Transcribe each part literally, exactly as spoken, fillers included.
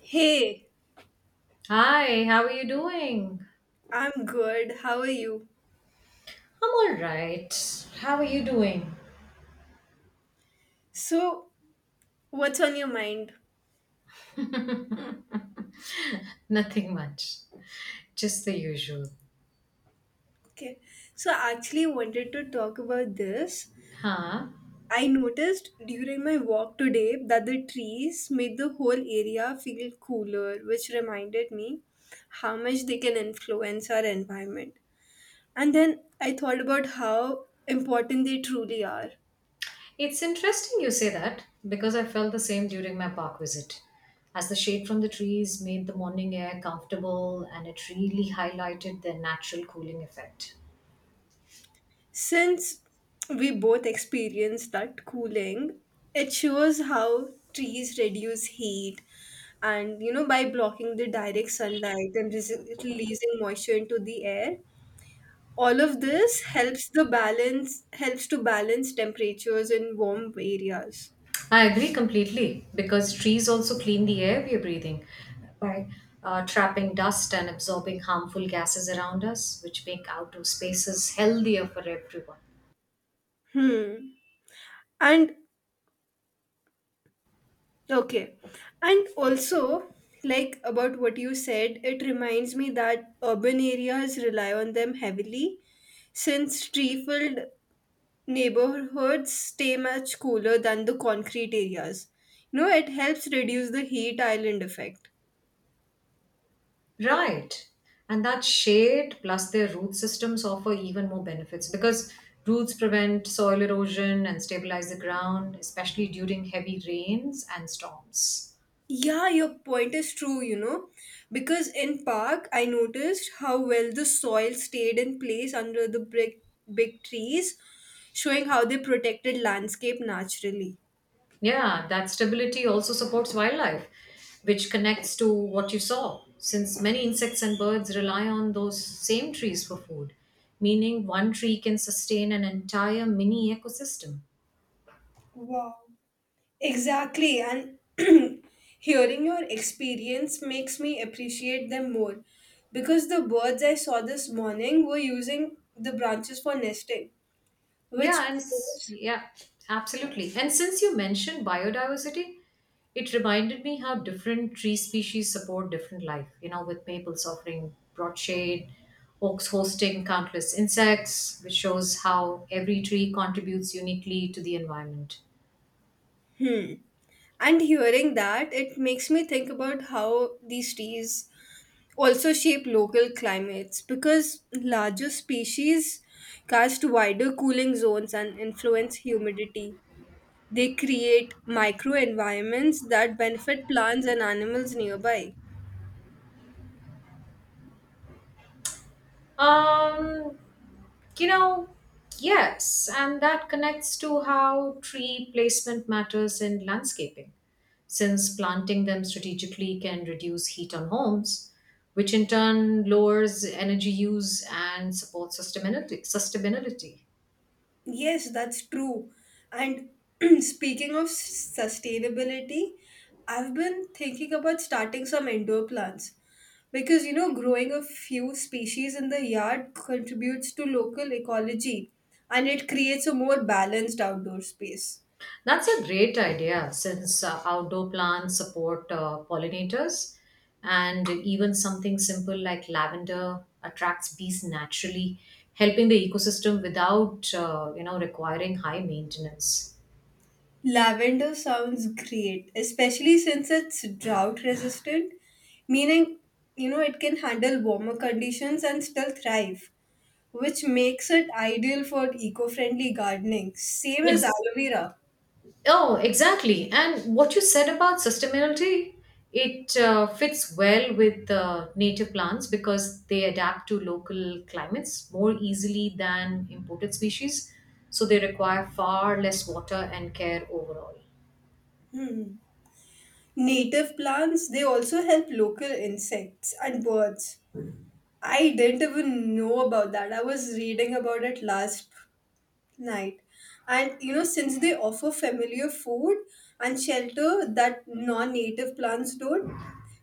Hey, Hi, how are you doing? I'm good. How are you? I'm all right. How are you doing? So, what's on your mind? Nothing much. Just the usual. Okay. So, I actually wanted to talk about this. Huh? I noticed during my walk today that the trees made the whole area feel cooler, which reminded me how much they can influence our environment. And then I thought about how important they truly are. It's interesting you say that because I felt the same during my park visit. As the shade from the trees made the morning air comfortable and it really highlighted their natural cooling effect. Since we both experienced that cooling, it shows how trees reduce heat and, you know, by blocking the direct sunlight and res- releasing moisture into the air. All of this helps the balance helps to balance temperatures in warm areas. I agree completely because trees also clean the air we are breathing by uh, trapping dust and absorbing harmful gases around us, which make outdoor spaces healthier for everyone. Hmm. And okay. And also, like about what you said, it reminds me that urban areas rely on them heavily since tree filled neighborhoods stay much cooler than the concrete areas. You know, it helps reduce the heat island effect. Right. And that shade plus their root systems offer even more benefits because roots prevent soil erosion and stabilize the ground, especially during heavy rains and storms. Yeah, your point is true, you know, because in park I noticed how well the soil stayed in place under the big, big trees, showing how they protected landscape naturally. Yeah, that stability also supports wildlife, which connects to what you saw, since many insects and birds rely on those same trees for food, meaning one tree can sustain an entire mini ecosystem. Wow. Exactly, and hearing your experience makes me appreciate them more because the birds I saw this morning were using the branches for nesting, Yeah, which and s- proves. yeah, absolutely. And since you mentioned biodiversity, it reminded me how different tree species support different life, you know, with maples offering broad shade, oaks hosting countless insects, which shows how every tree contributes uniquely to the environment. Hmm. And hearing that, it makes me think about how these trees also shape local climates because larger species cast wider cooling zones and influence humidity. They create microenvironments that benefit plants and animals nearby. Um, you know, yes, and that connects to how tree placement matters in landscaping, since planting them strategically can reduce heat on homes, which in turn lowers energy use and supports sustainability. sustainability. Yes, that's true. And speaking of s- sustainability, I've been thinking about starting some indoor plants because you know, growing a few species in the yard contributes to local ecology and it creates a more balanced outdoor space. That's a great idea since uh, outdoor plants support uh, pollinators, and even something simple like lavender attracts bees naturally, helping the ecosystem without uh, you know requiring high maintenance. Lavender sounds great, especially since it's drought resistant, meaning you know, it can handle warmer conditions and still thrive, which makes it ideal for eco-friendly gardening, same as Ex- aloe vera. Oh, exactly. And what you said about sustainability, it uh, fits well with the native plants because they adapt to local climates more easily than imported species. So they require far less water and care overall. Native plants, they also help local insects and birds. I didn't even know about that. I was reading about it last night. And you know, since they offer familiar food and shelter that non-native plants don't,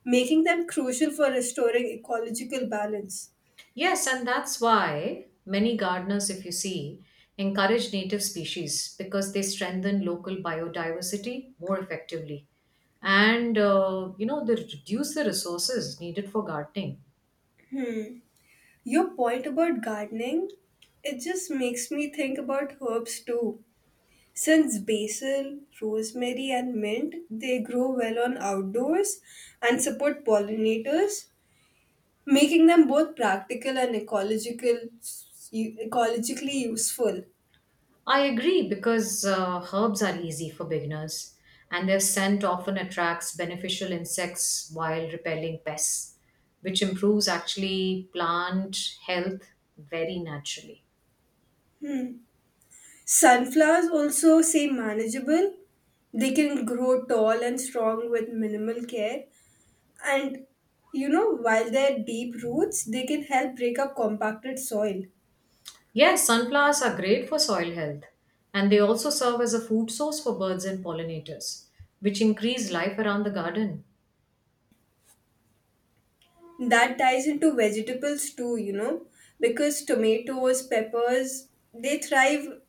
making them crucial for restoring ecological balance. Yes, and that's why many gardeners, if you see, encourage native species because they strengthen local biodiversity more effectively. And, uh, you know, they reduce the resources needed for gardening. Your point about gardening, it just makes me think about herbs too. Since basil, rosemary, and mint, they grow well on outdoors and support pollinators, making them both practical and ecological ecologically useful. I agree because uh, herbs are easy for beginners and their scent often attracts beneficial insects while repelling pests, which improves actually plant health very naturally. Sunflowers also say manageable. They can grow tall and strong with minimal care. And you know, while they're deep roots, they can help break up compacted soil. Yes, sunflowers are great for soil health and they also serve as a food source for birds and pollinators, which increase life around the garden. That ties into vegetables too, you know because tomatoes peppers they thrive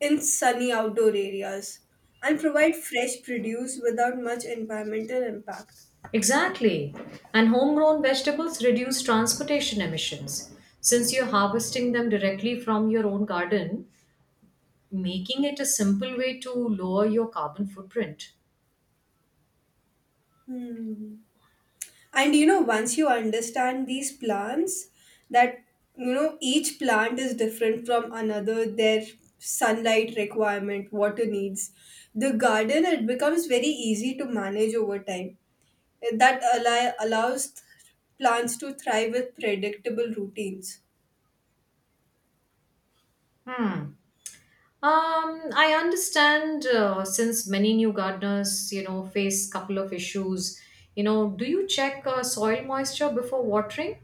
in sunny outdoor areas and provide fresh produce without much environmental impact. Exactly. And homegrown vegetables reduce transportation emissions. Since you're harvesting them directly from your own garden, making it a simple way to lower your carbon footprint. Hmm. And you know once you understand these plants, that you know each plant is different from another, their sunlight requirement, water needs, the garden, it becomes very easy to manage over time that allow, allows plants to thrive with predictable routines. Hmm. Um, I understand uh, since many new gardeners, you know, face couple of issues. You know, do you check uh, soil moisture before watering?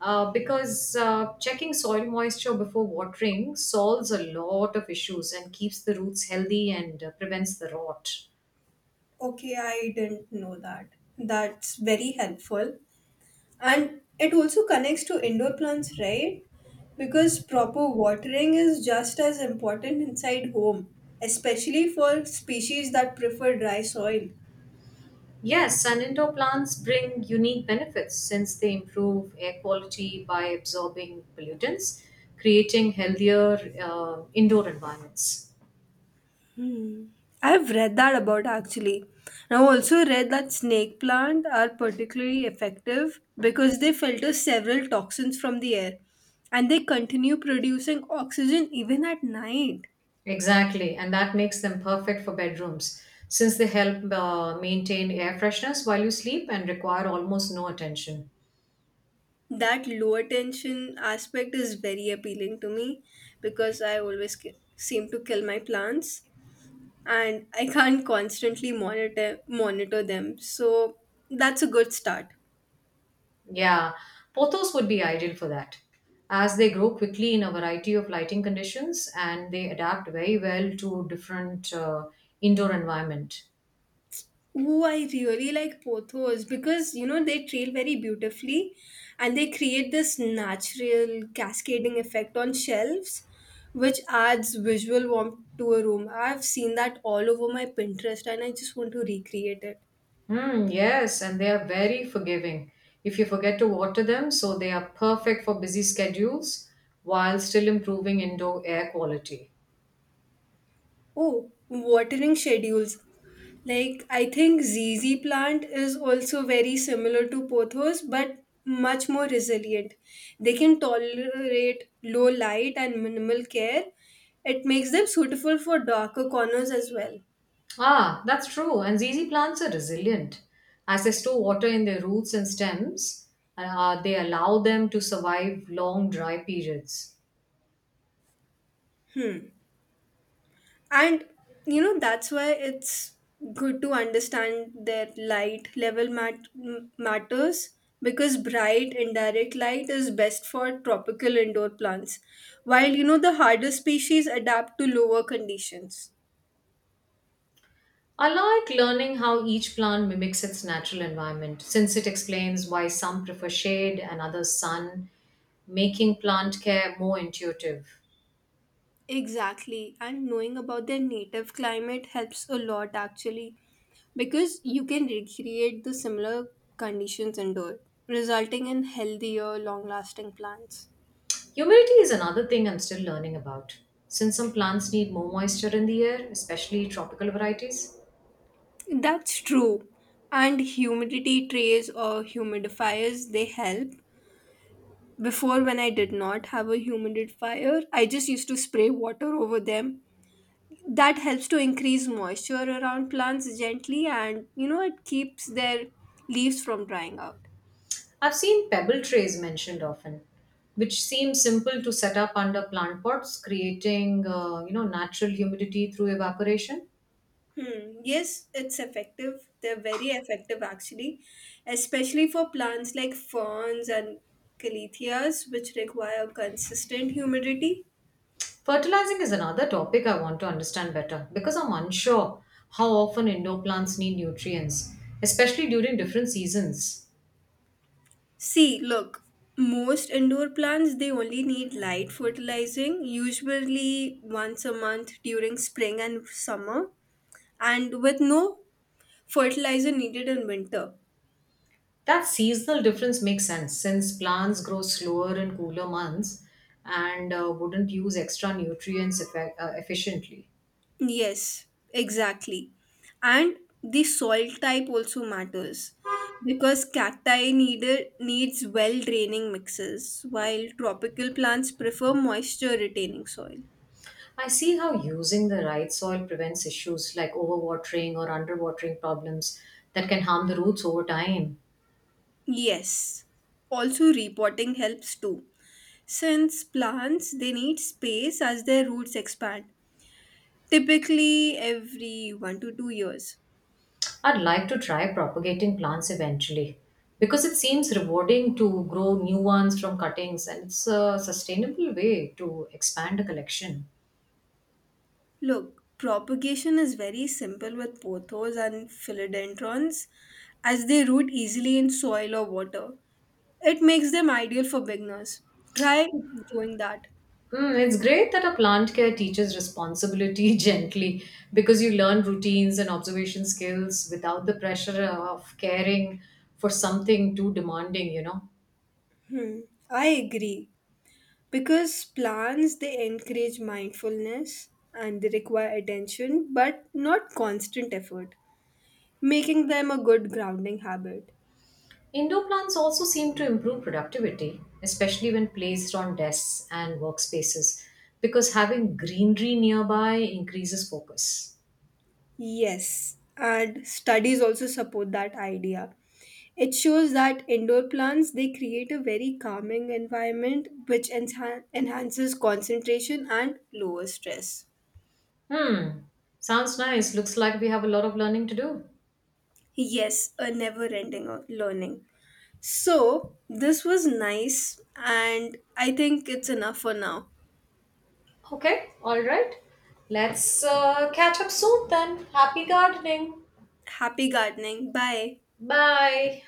Uh, because uh, checking soil moisture before watering solves a lot of issues and keeps the roots healthy and uh, prevents the rot. Okay, I didn't know that. That's very helpful. And it also connects to indoor plants, right? Because proper watering is just as important inside home, especially for species that prefer dry soil. Yes, and indoor plants bring unique benefits since they improve air quality by absorbing pollutants, creating healthier uh, indoor environments. I've read that about actually. And I've also read that snake plant are particularly effective because they filter several toxins from the air and they continue producing oxygen even at night. Exactly, and that makes them perfect for bedrooms since they help uh, maintain air freshness while you sleep and require almost no attention. That lower tension aspect is very appealing to me because I always ki- seem to kill my plants and I can't constantly monitor monitor them. So that's a good start. Yeah, pothos would be ideal for that as they grow quickly in a variety of lighting conditions and they adapt very well to different uh, indoor environment. Oh, I really like pothos because you know they trail very beautifully and they create this natural cascading effect on shelves, which adds visual warmth to a room. I've seen that all over my Pinterest and I just want to recreate it. Hmm, yes, and they are very forgiving. If you forget to water them, so they are perfect for busy schedules while still improving indoor air quality. Oh, watering schedules. Like, I think Z Z plant is also very similar to pothos, but much more resilient. They can tolerate low light and minimal care. It makes them suitable for darker corners as well. Ah, that's true. And Z Z plants are resilient. As they store water in their roots and stems, uh, they allow them to survive long dry periods. And you know that's why it's good to understand their light level mat- m- matters, because bright indirect light is best for tropical indoor plants, while you know the harder species adapt to lower conditions. I like learning how each plant mimics its natural environment since it explains why some prefer shade and others sun, making plant care more intuitive. Exactly, and knowing about their native climate helps a lot actually, because you can recreate the similar conditions indoor, resulting in healthier long lasting plants. Humidity is another thing I'm still learning about, since some plants need more moisture in the air, especially tropical varieties. That's true. And humidity trays or humidifiers, they help. Before, when I did not have a humidifier, I just used to spray water over them. That helps to increase moisture around plants gently and, you know, it keeps their leaves from drying out. I've seen pebble trays mentioned often, which seem simple to set up under plant pots, creating uh, you know natural humidity through evaporation. Hmm. Yes, it's effective. They're very effective actually, especially for plants like ferns and caletheas, which require consistent humidity. Fertilizing is another topic I want to understand better because I'm unsure how often indoor plants need nutrients, especially during different seasons. See, look, most indoor plants they only need light fertilizing, usually once a month during spring and summer, and with no fertilizer needed in winter. That seasonal difference makes sense since plants grow slower in cooler months and uh, wouldn't use extra nutrients effe- uh, efficiently. Yes, exactly. And the soil type also matters because cacti needed needs well draining mixes while tropical plants prefer moisture retaining soil. I see how using the right soil prevents issues like overwatering or underwatering problems that can harm the roots over time. Yes. Also repotting helps too, since plants they need space as their roots expand, typically every one to two years. I'd like to try propagating plants eventually because it seems rewarding to grow new ones from cuttings and it's a sustainable way to expand a collection. Look, propagation is very simple with pothos and philodendrons as they root easily in soil or water. It makes them ideal for beginners. Try doing that. Mm, it's great that a plant care teaches responsibility gently because you learn routines and observation skills without the pressure of caring for something too demanding, you know. I agree because plants they encourage mindfulness and they require attention but not constant effort, making them a good grounding habit. Indoor plants also seem to improve productivity, especially when placed on desks and workspaces, because having greenery nearby increases focus. Yes, and studies also support that idea. It shows that indoor plants they create a very calming environment which enhan- enhances concentration and lower stress. Hmm, sounds nice. Looks like we have a lot of learning to do. Yes, a never ending learning. So, this was nice and I think it's enough for now. Okay, all right. Let's uh, catch up soon then. Happy gardening. Happy gardening. Bye. Bye.